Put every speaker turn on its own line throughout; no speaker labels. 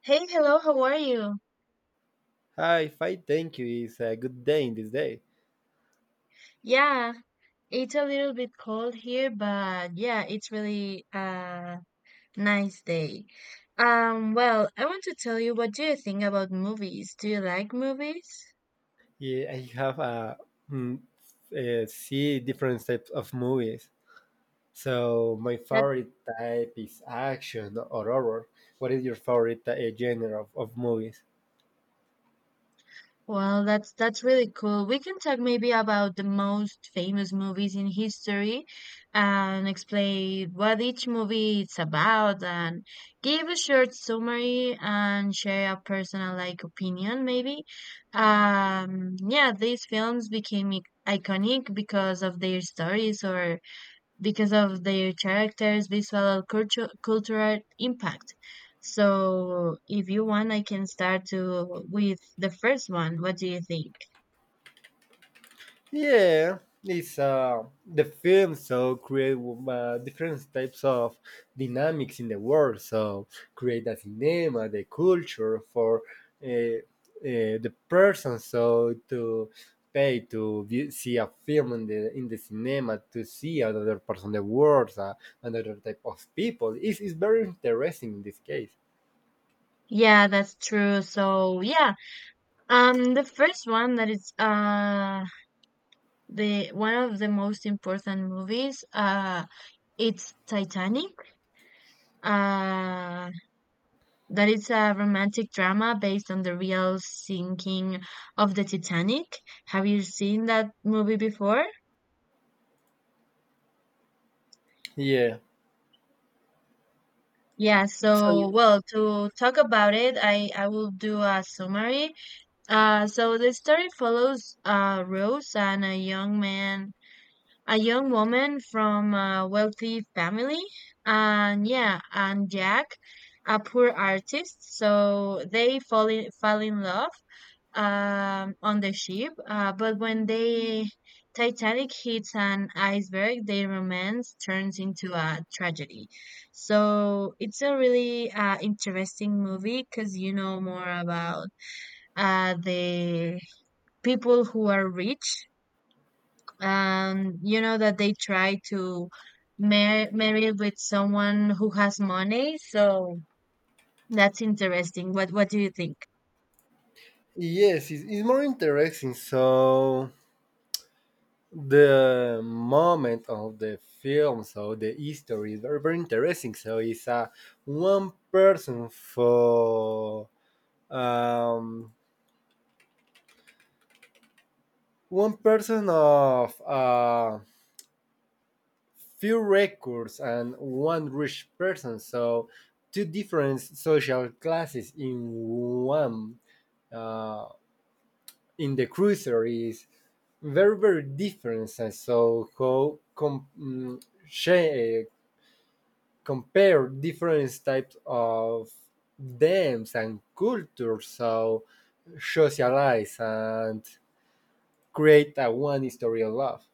Hey, hello, how are you?
Hi, fine. Thank you. It's a good day in this day.
Yeah, it's a little bit cold here, but yeah, it's really a nice day. Well, I want to tell you, what do you think about movies? Do you like movies?
Yeah, I have mm, see different types of movies. So my favorite type is action or horror. What is your favorite genre of movies?
Well, that's really cool. We can talk maybe about the most famous movies in history and explain what each movie is about and give a short summary and share a personal like opinion maybe. Yeah, these films became iconic because of their stories or because of their characters, visual, culture, cultural impact. So, if you want, I can start to with the first one. What do you think?
Yeah, it's the film so create different types of dynamics in the world. So create the cinema, the culture for uh, uh, the person. So to pay to view, see a film in the cinema to see another person, the world, another type of people. It's very interesting in this case.
Yeah, that's true. So, yeah, the first one that is the one of the most important movies it's Titanic. Uh, that is a romantic drama based on the real sinking of the Titanic. Have you seen that movie before?
Yeah.
Yeah, so well, to talk about it, I will do a summary. So the story follows Rose and a young man, a young woman from a wealthy family, and yeah, and Jack, a poor artist. So they fall in love, on the ship, but when the Titanic hits an iceberg, their romance turns into a tragedy. So it's a really interesting movie because you know more about the people who are rich, and you know that they try to marry with someone who has money. So that's interesting. What do you think?
Yes, it's more interesting. So the moment of the film so the history is very, very interesting so it's a one person for um, one person of few records and one rich person so two different social classes in one uh, in the cruiser is very very different, and so how compare different types of dance and culture so socialize and create a one history of love.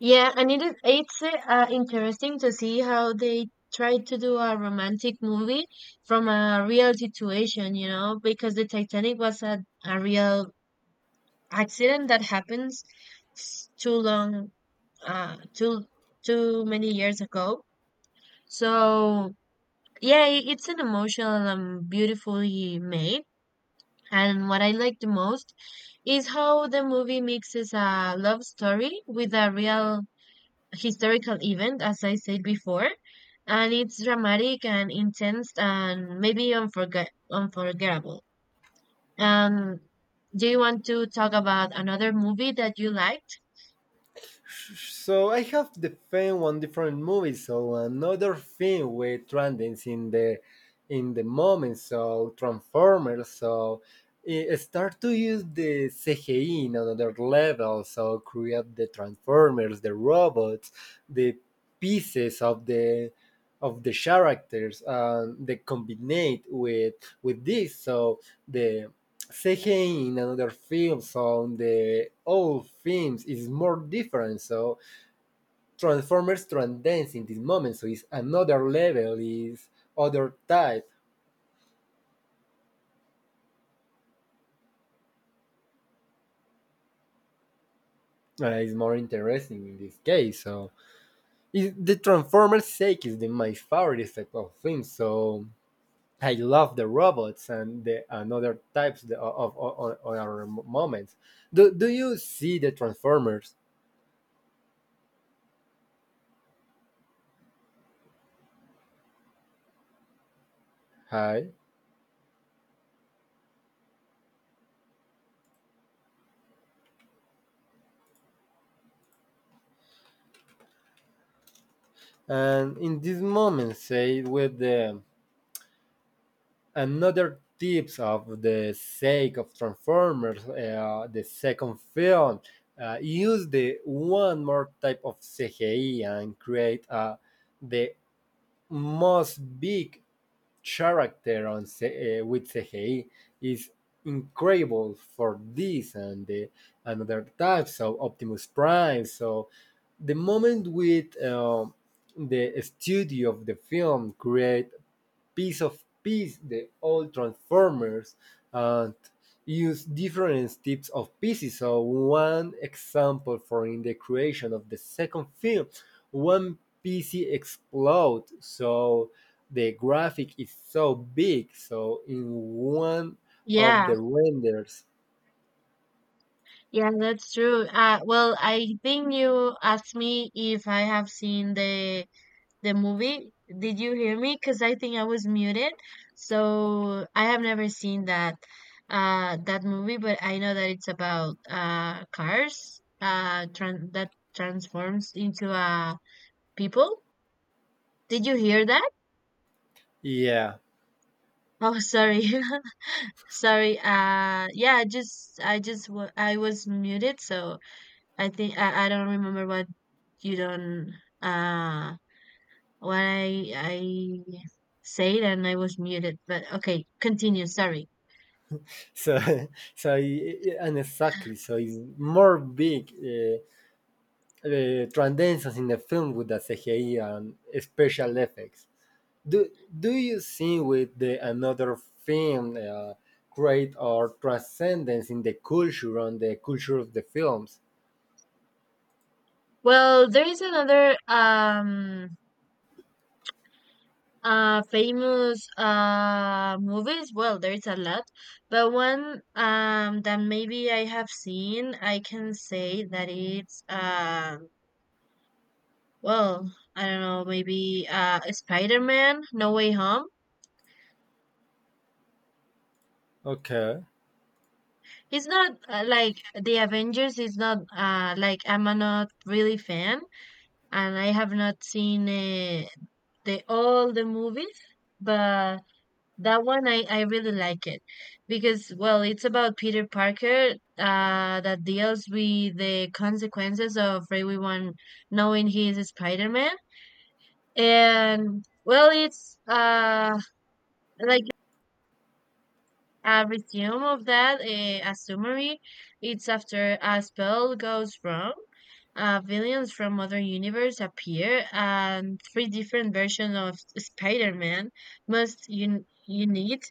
Yeah, and it's interesting to see how they try to do a romantic movie from a real situation, you know, because the Titanic was a real accident that happens too long, uh, too too many years ago. So yeah, it's an emotional and beautifully made. And what I like the most is how the movie mixes a love story with a real historical event, as I said before, and it's dramatic and intense and maybe unforgettable. Um, do you want to talk about another movie that you liked?
So I have the fan one different movie, so another thing with trending in the moment, so Transformers, so it start to use the CGI in another level, so create the Transformers, the robots, the pieces of the characters, and they combine with this, so the CGI in another film, so the old films is more different, so Transformers transcends in this moment, so it's another level, is other type. It's more interesting in this case. So the Transformers sake is my favorite type of film. So I love the robots and other types of other moments. Do you see the Transformers? Hi. And in this moment, say with the another tips of the sake of Transformers, the second film, use the one more type of CGI and create the most big character on with CGI is incredible for this and the another type. So Optimus Prime. So the moment with the studio of the film create piece of piece the old Transformers and use different types of pieces. So one example for in the creation of the second film, one PC explode. So the graphic is so big. So in one of
Yeah,
the renders,
yeah, that's true. Well, I think you asked me if I have seen the movie. Did you hear me? Because I think I was muted. So I have never seen that movie, but I know that it's about cars tran that transforms into people. Did you hear that?
yeah.
Oh, sorry. Sorry. Yeah, I was muted, so I think I don't remember what you don't uh what I said and I was muted. But okay, continue. Sorry.
So so and exactly. So it's more big transcendence in the film with the CGI and special effects. do do you see with the another film create or transcendence in the culture on the culture of the films?
Well, there is another famous movies. Well, there is a lot, but one that maybe I have seen, I can say that it's well, I don't know, maybe Spider-Man No Way Home.
Okay.
It's not like the Avengers is not like I'm not really fan and I have not seen the all the movies, but that one I really like it because well it's about Peter Parker that deals with the consequences of everyone knowing he is Spider Man and well it's like a resume of that, eh, a summary. It's after a spell goes wrong. Villains from other universe appear, and three different versions of Spider-Man must unite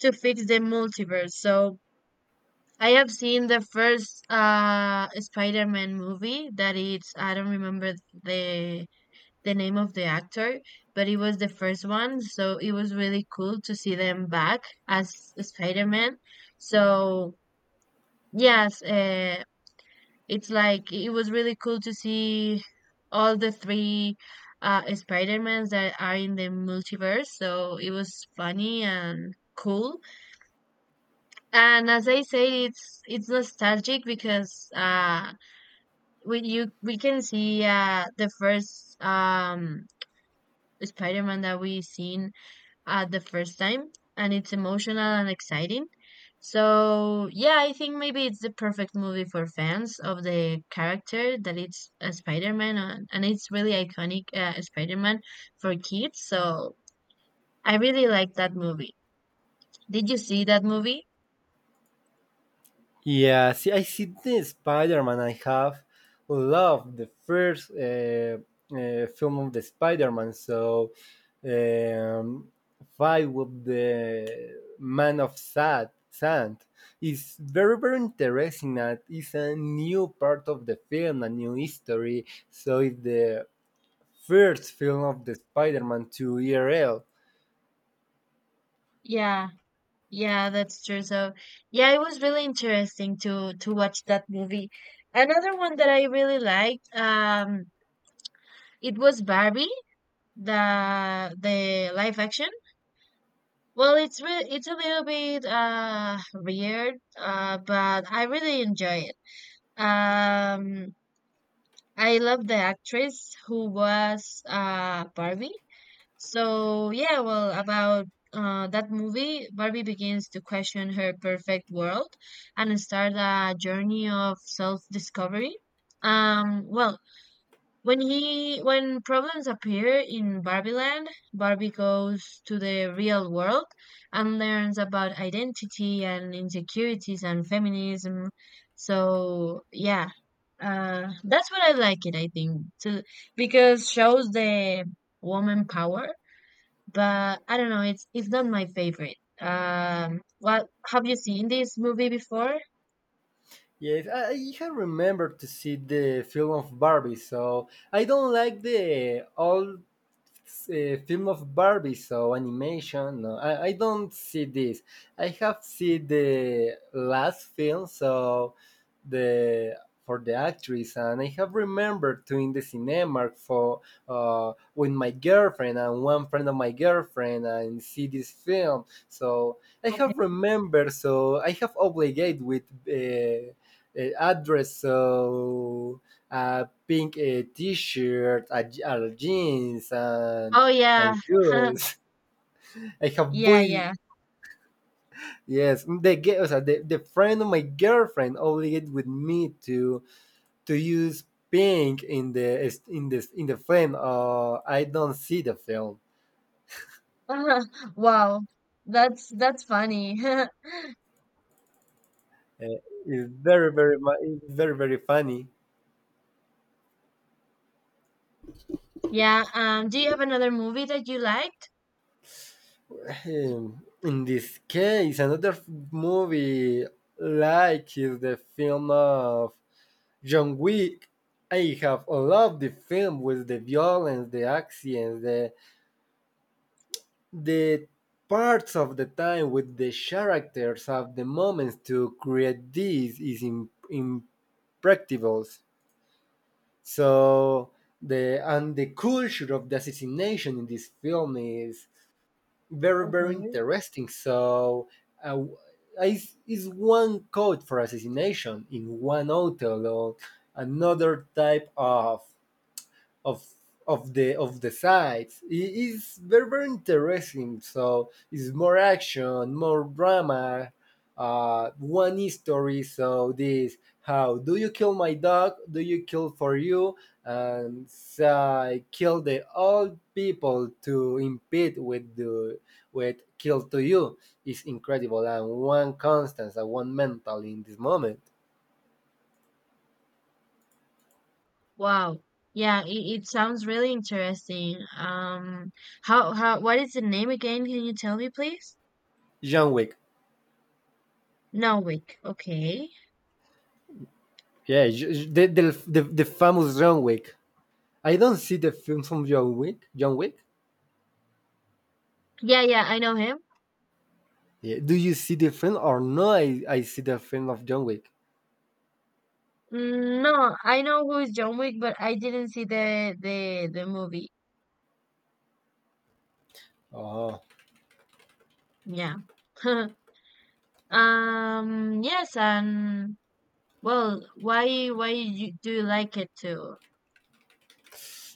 to fix the multiverse. So I have seen the first Spider-Man movie that it's I don't remember the the name of the actor, but it was the first one, so it was really cool to see them back as Spider-Man. So yes, it's like it was really cool to see all the three Spider-Mans that are in the multiverse. So it was funny and cool. And as I say, it's nostalgic because we can see the first Spider-Man that we seen at the first time and it's emotional and exciting. So, yeah, I think maybe it's the perfect movie for fans of the character that it's a Spider-Man and it's really iconic Spider-Man for kids. So, I really like that movie. Did you see that movie?
Yeah, see, I see the Spider-Man. I have loved the first film of the Spider-Man. So, um, fight with the Man of Sad, Sand is very, very interesting. That is a new part of the film, a new history. So, it's the first film of the Spider-Man to ERL.
Yeah. Yeah, that's true. So, yeah, it was really interesting to watch that movie. Another one that I really liked it was Barbie, the live action. Well, it's a little bit weird, but I really enjoy it. Um, I love the actress who was Barbie. So yeah, well, about that movie, Barbie begins to question her perfect world and start a journey of self-discovery. Well, when problems appear in Barbie Land, Barbie goes to the real world and learns about identity and insecurities and feminism. So yeah, that's what I like it. I think to because shows the woman power, but I don't know. It's not my favorite. What have you seen this movie before?
Yes, I have remembered to see the film of Barbie, so I don't like the all film of Barbie, so animation. No, I don't see this. I have seen the last film, so the for the actress, and I have remembered to in the cinema for with my girlfriend and one friend of my girlfriend and see this film. So I
Okay.
have remembered. So I have obligated with address. So a pink t-shirt, a jeans, and
Oh yeah,
and shoes. I have
yeah,
boy.
yeah.
Yes, o sea, the friend of my girlfriend obligated with me to use pink in the film. I don't see the film.
Wow, that's funny.
Uh, it's very very funny.
Yeah, do you have another movie that you liked?
In this case, another movie like is the film of John Wick. I have loved the film with the violence, the actions, the parts of the time with the characters of the moments to create this is impracticable. So the and the culture of the assassination in this film is very very interesting. So uh, is one code for assassination in one hotel or another type of of the sides. It is very very interesting. So it's more action, more drama. One story. So this how do you kill my dog? Do you kill for you? And so I kill the old people to impede with kill to you is incredible and one constant and one mental in this moment.
Wow. Yeah, it sounds really interesting. How what is the name again? Can you tell me, please?
John Wick.
Wick. Okay.
Yeah, the famous John Wick. I don't see the films of John Wick. John Wick.
Yeah, yeah, I know him.
Yeah. Do you see the film or no? I see the film of John Wick.
Mm, no, I know who is John Wick, but I didn't see the movie.
Oh,
Yeah. Yes, and well, do you like it too?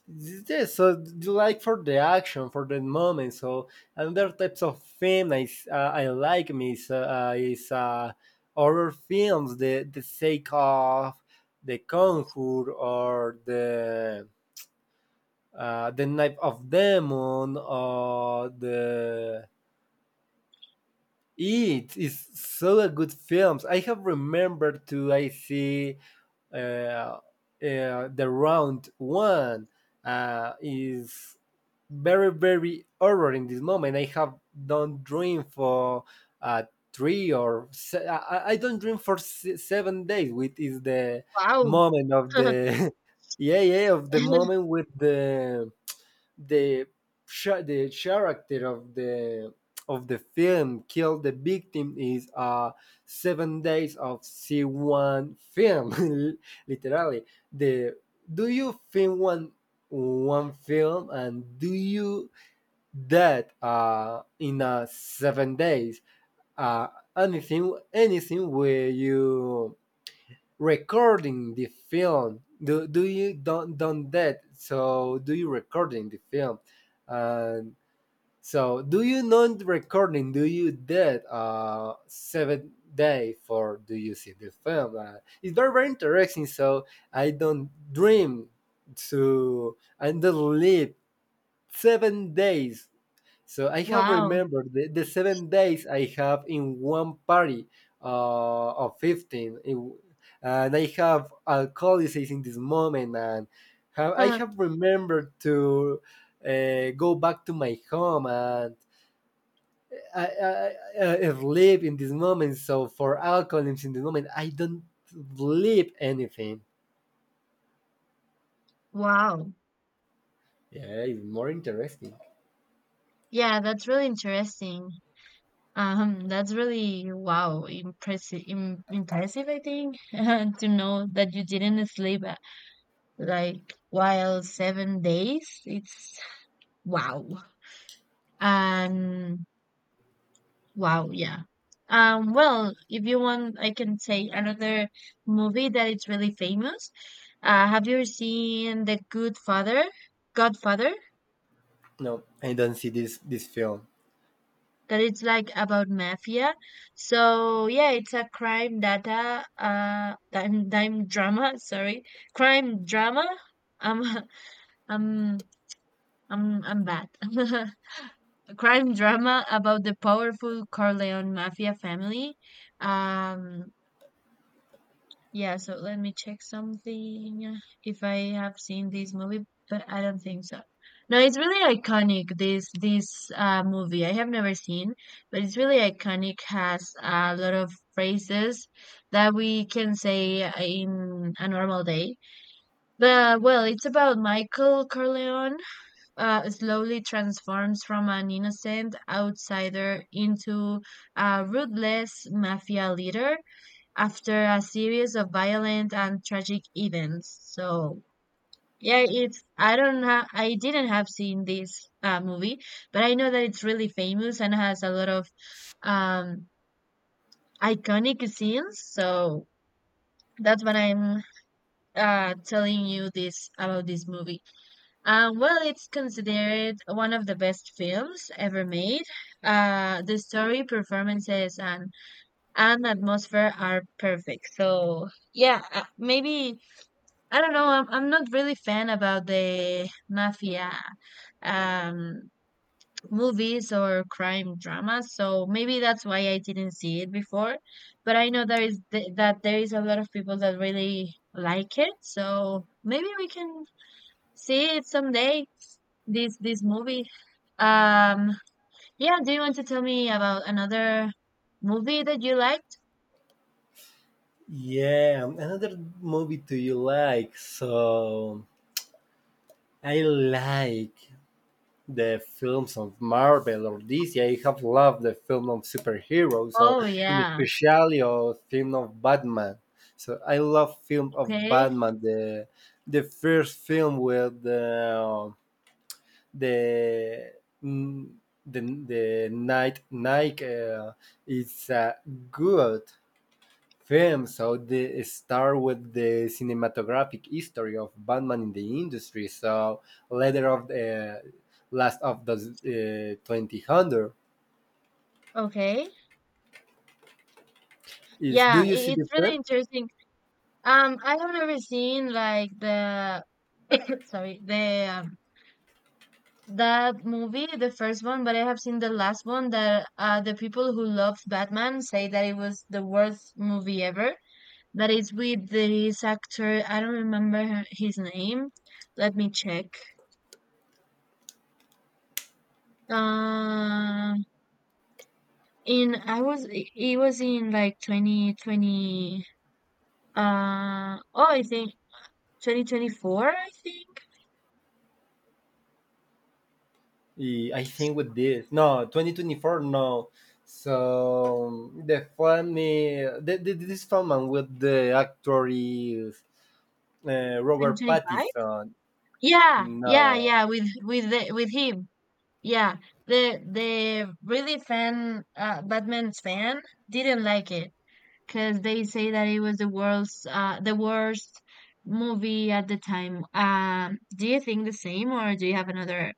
yeah. So you like for the action, for the moment. So another types of film I like is horror films. The sake of the Conjure or the Knife of Demon or the. It is so a good films. I have remembered to I see uh, uh, the round one is very very horror in this moment. I have don't dream for uh, I don't dream for 7 days, which is the
Wow.
moment of the yeah yeah of the moment with the the character of the film kill the victim is 7 days of c1 film. Literally the do you film one film and do you that in 7 days, uh anything where you recording the film, do you don't done that, so do you recording the film and so do you not recording, do you that 7 day for do you see the film. It's very very interesting, so I don't dream to and don't live 7 days. So I have
Wow.
remembered the 7 days I have in one party of 15. And I have alcoholism in this moment. And I have remembered to go back to my home and I, I, I live in this moment. So for alcoholism in this moment, I don't believe anything.
Wow.
Yeah, it's more interesting.
Yeah, that's really interesting. That's really wow, impressive, Im impressive, I think, to know that you didn't sleep like while 7 days. It's wow. And wow, yeah. Well, if you want, I can say another movie that it's really famous. Have you seen The Good Father? Godfather?
No, I don't see this this film.
That it's like about mafia. So yeah, it's a dime drama, sorry. Crime drama. I'm I'm I'm bad. A crime drama about the powerful Corleone mafia family. Um, yeah, so let me check something if I have seen this movie, but I don't think so. No, it's really iconic this this movie. I have never seen, but it's really iconic. Has a lot of phrases that we can say in a normal day. But well, it's about Michael Corleone slowly transforms from an innocent outsider into a ruthless mafia leader after a series of violent and tragic events. So yeah, it's I don't have I didn't have seen this movie, but I know that it's really famous and has a lot of um, iconic scenes. So that's what I'm telling you this about this movie. Well, it's considered one of the best films ever made. The story, performances, and atmosphere are perfect. So yeah, maybe I don't know. I'm not really fan about the mafia um movies or crime dramas, so maybe that's why I didn't see it before. But I know there is th that there is a lot of people that really like it, so maybe we can see it someday. This movie. Um, yeah. Do you want to tell me about another movie that you liked?
Yeah, another movie do you like? So I like the films of Marvel or DC. I have loved the film of superheroes, so
Oh
in
yeah.
especially of film of Batman. So I love film of
Okay.
Batman. The first film with the mm, the night Nike is good film, so the start with the cinematographic history of Batman in the industry. So later of the last of the 2000
Okay.
is
Yeah.
do you see the
It's really
film?
interesting. I have never seen like the sorry the that movie, the first one, but I have seen the last one that the people who loved Batman say that it was the worst movie ever. That is with this actor, I don't remember his name. Let me check. Uh, in I was it was in like 2020 oh I think 2024 I think
I think with this no 2024 no. So the funny this film and with the actor is Robert
2025.
Pattinson.
Yeah, yeah,
No.
yeah, with with him. Yeah. The really fan Batman's fan didn't like it because they say that it was the worst movie at the time. Um, do you think the same or do you have another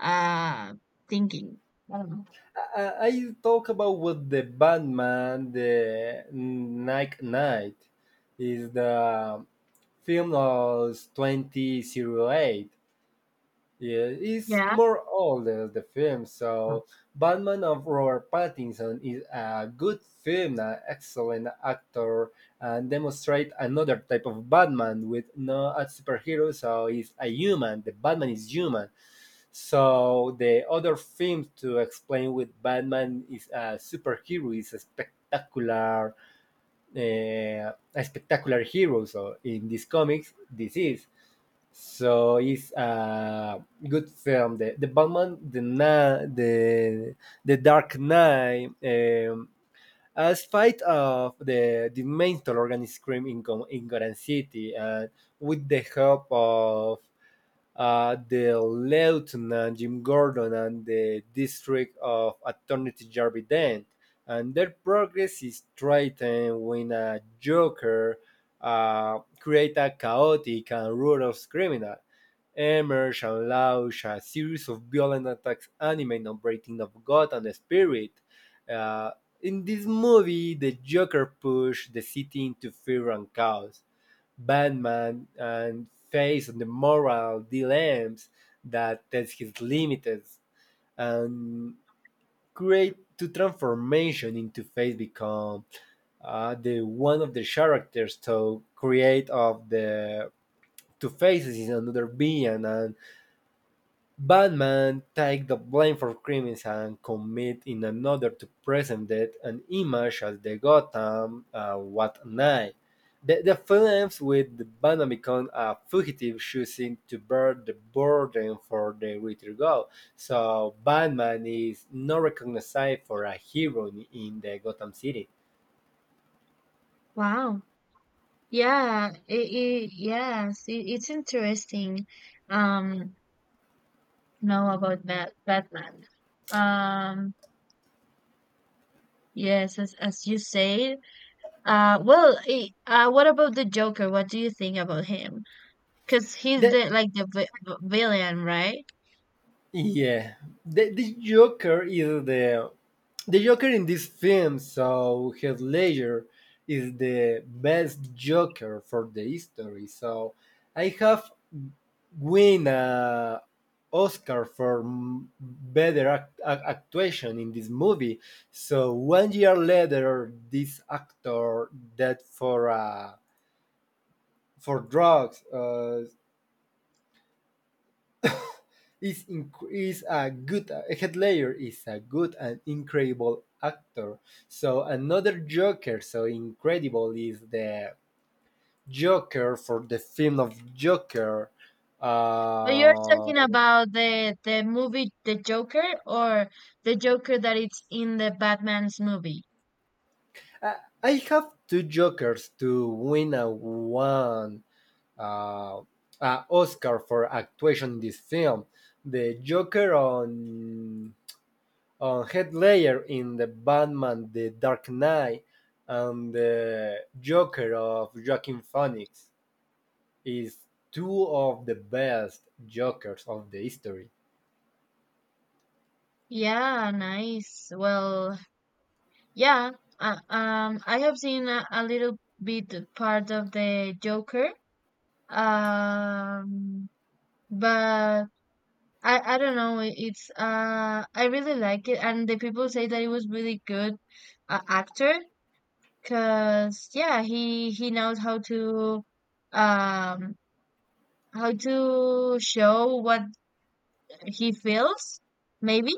uh thinking? I don't know.
I talk about with the Batman, the Night Knight, is the film of 2008. Yeah, it's
Yeah.
more old as the film. So, Batman of Robert Pattinson is a good film, an excellent actor, and demonstrate another type of Batman with no a superhero. So he's a human. The Batman is human. So the other film to explain with Batman is a superhero is a spectacular hero. So in these comics, this is. So it's a good film. The Batman, the Na the Dark Knight. As spite of the mental organized crime in Goran City, and with the help of the Lieutenant Jim Gordon and the District of Attorney Jarvis Dent, and their progress is threatened when a Joker creates a chaotic and ruthless criminal. Emerge and launch a series of violent attacks animated on breaking of God and the Spirit, uh, in this movie, the Joker pushed the city into fear and chaos. Batman and face on the moral dilemmas that test his limits and create to transformation into face become the one of the characters to create of the two faces is another being, and Batman takes the blame for crimes and commits in another to present it an image as the Gotham what night. The film ends with the Batman becoming a fugitive choosing to bear the burden for the greater good. So Batman is not recognized for a hero in the Gotham City.
Wow. Yeah, it yes, it, it's interesting um know about Batman. Um, yes, as you say. What about the Joker? What do you think about him? Because he's
The,
the like the villain, right?
Yeah, the Joker is the Joker in this film. So Heath Ledger is the best Joker for the history. So I have win a Oscar for better actuation in this movie. So one year later, this actor died for drugs. Is a good head layer, is a good and incredible actor, so another Joker so incredible is the Joker for the film of Joker
But you're
uh,
talking about the movie The Joker or the Joker that it's in the Batman's movie.
I I have two jokers to win a one uh, Oscar for actuation in this film. The Joker on Head Ledger in the Batman, the Dark Knight, and the Joker of Joaquin Phoenix is two of the best Jokers of the history.
Yeah, nice. Well, yeah. I have seen a little bit part of the Joker. Um, but I don't know. It's I really like it, and the people say that it was really good actor because yeah, he knows um how to show what he feels maybe.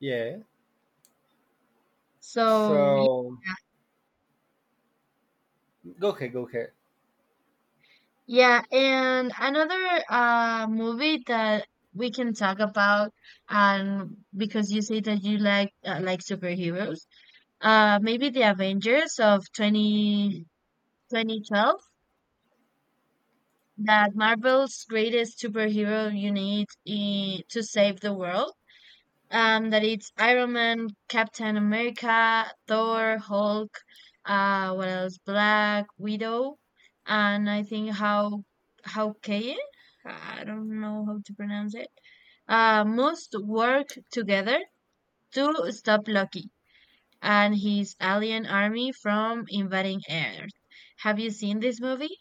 Yeah.
So yeah,
So go ahead.
yeah, and another movie that we can talk about, and because you say that you like superheroes, maybe the Avengers of twenty twenty twelve. That Marvel's greatest superhero you need to save the world, that it's Iron Man, Captain America, Thor, Hulk, what else? Black Widow, and I think how Kay, I don't know how to pronounce it, must work together to stop Loki and his alien army from invading Earth. Have you seen this movie,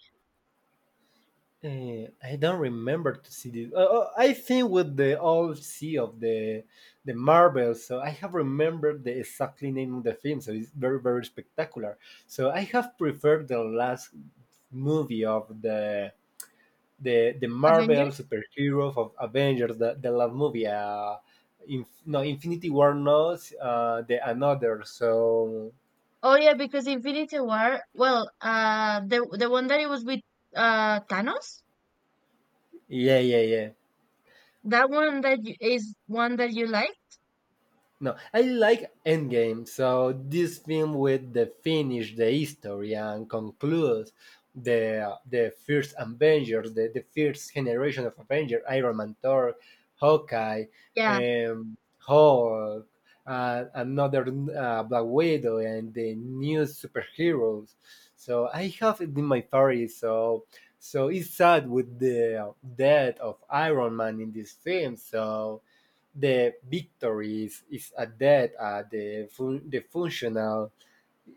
I don't remember to see this. I think with the all sea of the Marvel, so I have remembered the exactly name of the film. So it's very very spectacular. So I have preferred the last movie of the Marvel
Avengers?
superhero of Avengers, the last movie, Infinity War, not the another. So
Oh yeah, because Infinity War, well, the one that it was with Thanos,
yeah.
that one that is one that you like?
No, I like Endgame. So this film with the finish the history and concludes the first Avengers, the first generation of Avengers, Iron Man, Thor, Hawkeye,
Yeah.
Hulk, another Black Widow, and the new superheroes. So I have it in my favorite. So it's sad with the death of Iron Man in this film. So the victories is a death the functional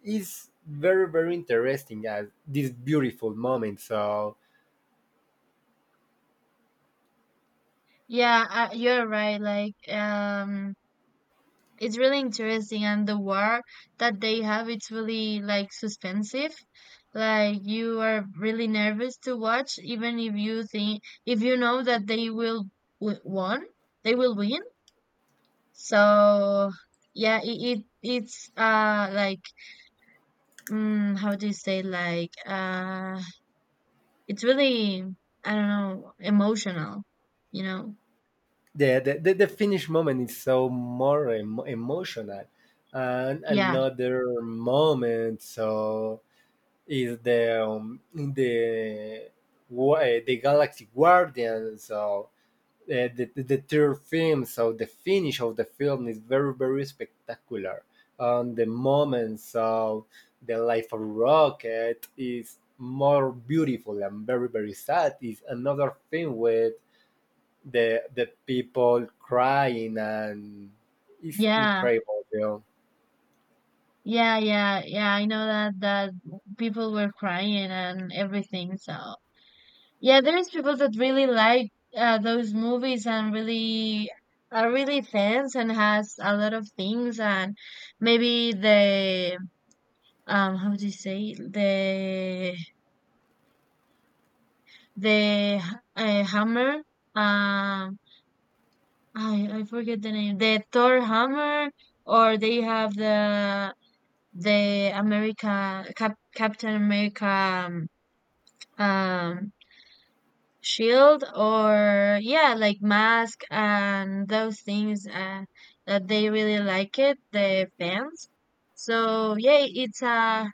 is very very interesting as this beautiful moment so
Yeah, you're right. Like it's really interesting and the war that they have it's really like suspensive. Like you are really nervous to watch even if you think if you know that they will w won, they will win. So yeah, it's like how do you say like it's really I don't know emotional you know
the finish moment is so more emotional and
yeah,
another moment so is the the galaxy guardian so uh, the third film, so the finish of the film is very, very spectacular. And the moment, so the life of Rocket is more beautiful and very, very sad. Is another thing with the people crying and it's
yeah,
incredible. You know?
yeah, yeah, yeah, I know that people were crying and everything. So yeah, there's people that really like those movies and really are really fans and has a lot of things, and maybe the how do you say the the hammer. um I forget the name. The Thor hammer, or they have the America Cap, Captain America, um, shield, or yeah, like mask and those things, that they really like it, the fans. So yeah, it's a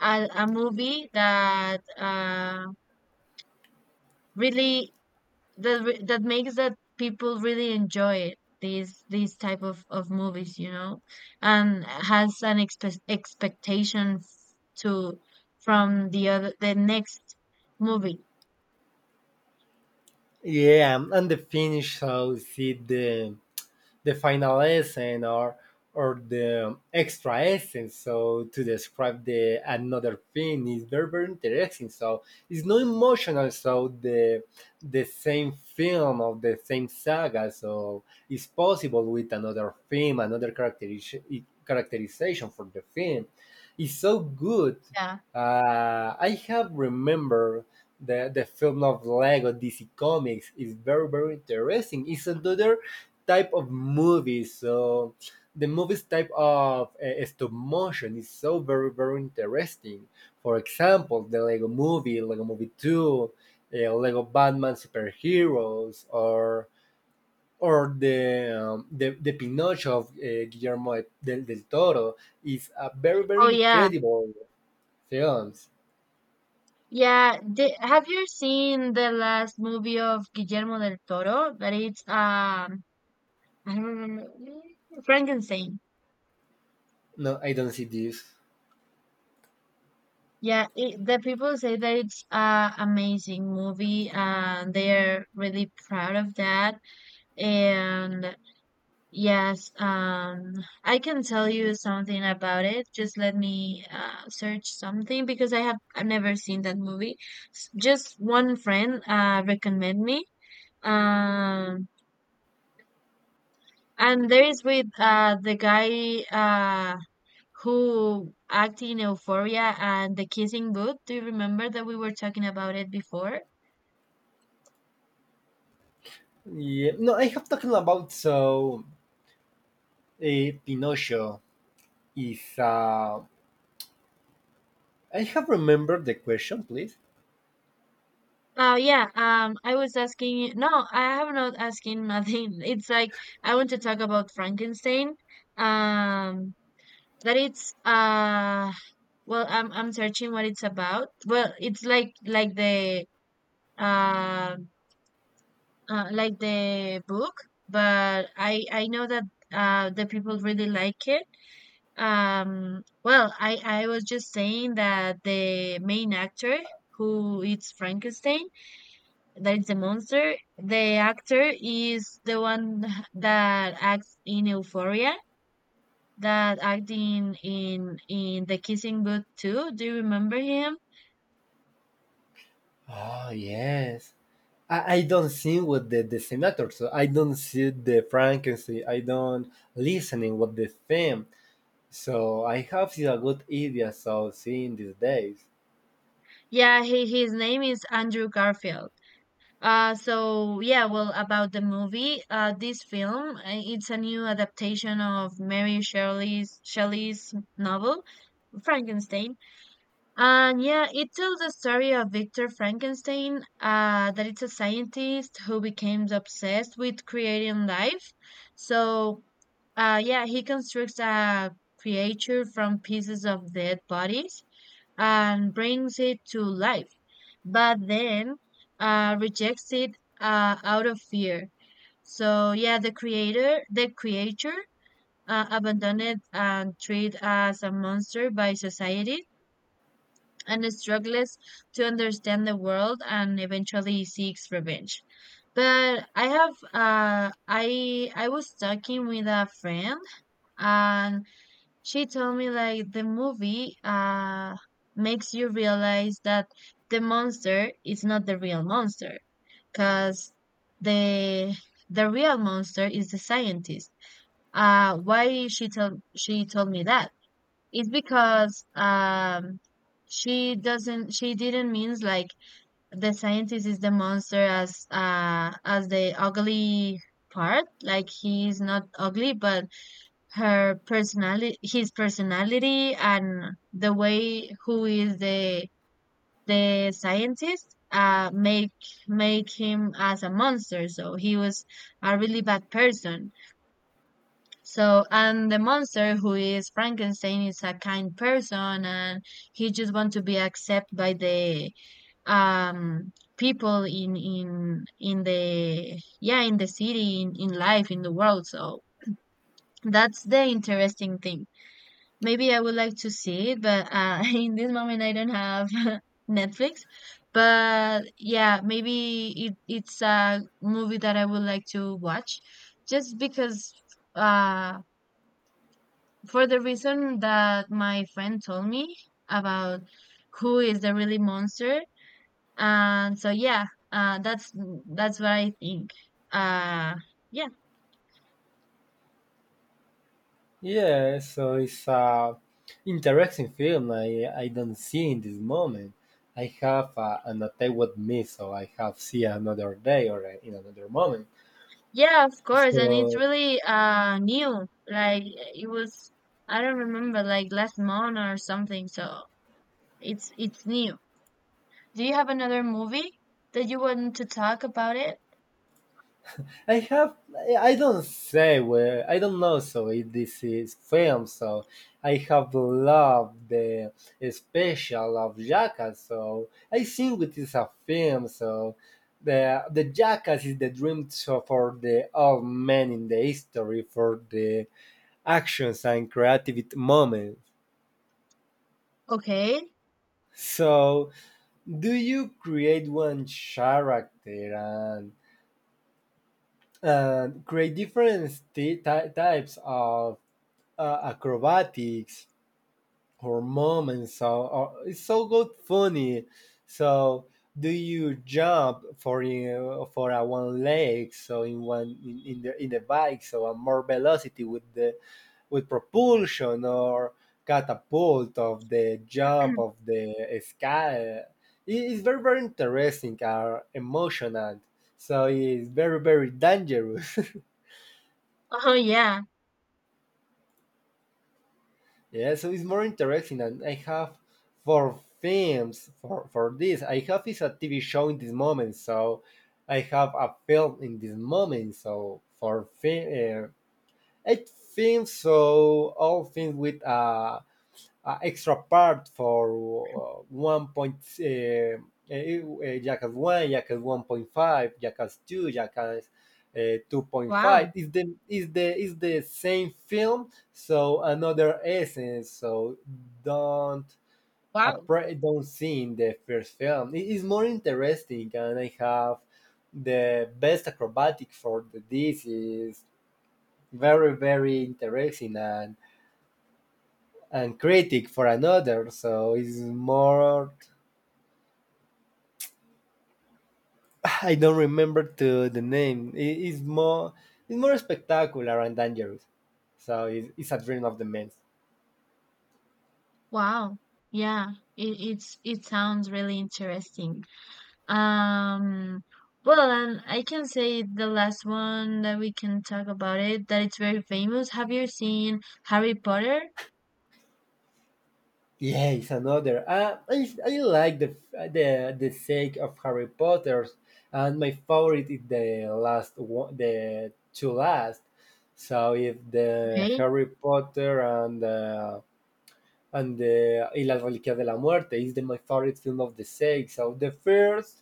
a, a movie that really that makes that people really enjoy it these type of movies and has an expectation to from the other the next movie.
Yeah, and the finish so see the final essence or the extra essence. So to describe the another thing is very very interesting. So it's not emotional. So the same film of the same saga. So it's possible with another film, another characterization for the film. It's so good.
Yeah
I have remembered the film of Lego DC Comics is very very interesting. It's another type of movie, so the movie's type of stop motion is so very very interesting. For example, the Lego Movie, Lego Movie Two, Lego Batman Superheroes, or the Pinocchio of Guillermo del Toro is a very very
oh yeah.
incredible film.
Yeah, the, have you seen the last movie of Guillermo del Toro that it's I don't remember, Frankenstein?
No, I don't see this.
Yeah, the people say that it's a amazing movie and they're really proud of that. And yes, I can tell you something about it. Just let me search something because I've never seen that movie. Just one friend recommend me. Um, and there is with the guy who act in Euphoria and the Kissing Booth. Do you remember that we were talking about it before?
Yeah, no, I have talking about so Pinocchio is. I have remembered the question, please.
Yeah, I was asking you. No, I have not asking nothing. It's like I want to talk about Frankenstein. Um, that it's well, I'm searching what it's about. Well, it's like the uh, like the book, but I know that the people really like it. Well, I was just saying that the main actor who it's Frankenstein, that is the monster. The actor is the one that acts in Euphoria, that acting in The Kissing Booth too. Do you remember him?
Oh yes, I don't see what the senator. So I don't see the Frankenstein. I don't listening what the theme. So I have a good idea. So seeing these days.
Yeah, he, his name is Andrew Garfield. So yeah, well, about the movie, this film, it's a new adaptation of Mary Shelley's Shelley's novel Frankenstein. And yeah, it tells the story of Victor Frankenstein, that it's a scientist who becomes obsessed with creating life. So, yeah, he constructs a creature from pieces of dead bodies and brings it to life, but then rejects it out of fear. So, yeah, the creature, abandoned and treated as a monster by society and struggles to understand the world and eventually seeks revenge. But I have I was talking with a friend, and she told me like the movie makes you realize that the monster is not the real monster because the the real monster is the scientist. Uh, why she told me that? It's because she didn't means like the scientist is the monster as the ugly part. Like he is not ugly, but her personality his personality and the way who is the scientist make him as a monster. So he was a really bad person. So, and the monster who is Frankenstein is a kind person, and he just wants to be accepted by the um people in the yeah, in the city, in life, in the world. So that's the interesting thing. Maybe I would like to see it, but in this moment I don't have Netflix. But yeah, maybe it's a movie that I would like to watch just because uh for the reason that my friend told me about who is the really monster. And so yeah, uh, that's that's what I think. Uh, yeah,
Yeah, so it's a interesting film I don't see in this moment. I have an attack with me, so I have see another day or in another moment.
yeah, of course, and it's
So
really new. Like it was, I don't remember, like last month or something. So it's new. Do you have another movie that you want to talk about it?
I I don't say where I don't know. So if this is film, so I have loved the special of Jackass. So I think it is a film. So the Jackass is the dream so for the all men in the history for the actions and creative moments.
Okay.
So, do you create one character and create different types of acrobatics or moments? So, or, it's so good, funny. So, do you jump for a one leg so in in the bike so a more velocity with the with propulsion or catapult of the jump of the sky. It's very, very interesting and emotional. So it's very, very dangerous.
Oh yeah.
Yeah, so it's more interesting. And I have for films, for this, I have is a TV show in this moment. So I have a film in this moment. So for film, I think so. All films with extra part for 1 uh, jackass one, jackass 1.5, jackass 2, jackass 2.5.
Wow.
Is the same film, so another essence. So don't
Wow.
don't see in the first film. It is more interesting, and I have the best acrobatic for the this is very very interesting and critic for another. So it's more. I don't remember to the name. It, it's more. It's more spectacular and dangerous. So it's a dream of the men.
Wow. Yeah, it's it sounds really interesting. Um, well, and I can say the last one that we can talk about it that it's very famous. Have you seen Harry Potter?
Yeah, it's another. I like the sake of Harry Potter, and my favorite is the last one, the two last. So if the
Okay.
Harry Potter and Y las Reliquias de la Muerte is my favorite film of the 6. So the first,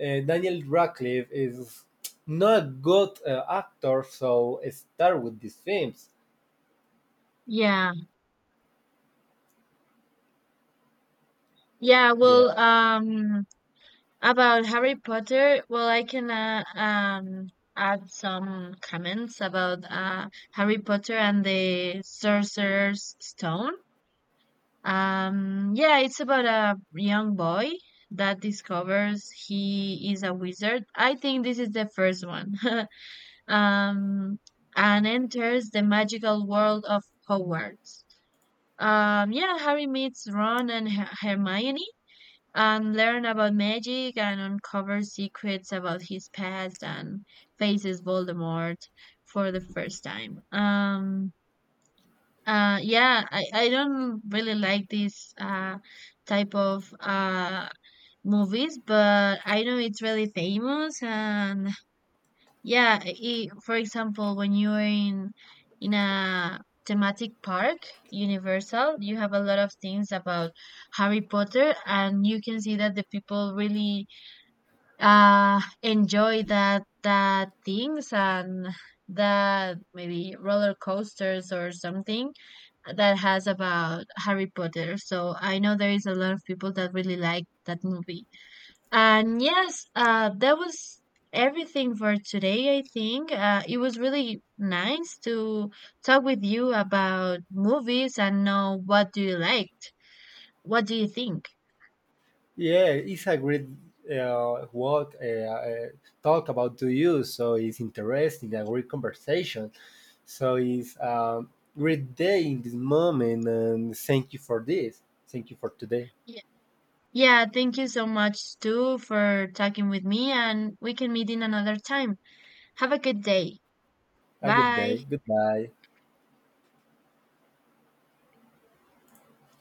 Daniel Radcliffe is not a good actor, so start with these films.
Yeah. Yeah,
Yeah,
well, about Harry Potter, well, I can add some comments about Harry Potter and the Sorcerer's Stone. Yeah, it's about a young boy that discovers he is a wizard. I think this is the first one. Um, and enters the magical world of Hogwarts. Yeah, Harry meets Ron and Hermione and learn about magic and uncover secrets about his past and faces Voldemort for the first time. Yeah, I don't really like this type of movies, but I know it's really famous. And yeah, I for example, when you're in a thematic park, Universal, you have a lot of things about Harry Potter, and you can see that the people really enjoy that things and that maybe roller coasters or something that has about Harry Potter. So I know there is a lot of people that really like that movie. And yes, that was everything for today, I think. It was really nice to talk with you about movies and know what do you like. What do you think?
yeah, it's a great what talk about to you. So it's interesting, a great conversation. So it's a great day in this moment, and thank you for this. Thank you for today.
Yeah, yeah, thank you so much too for talking with me, and we can meet in another time. Have a good day.
A good day.
Bye.
Goodbye.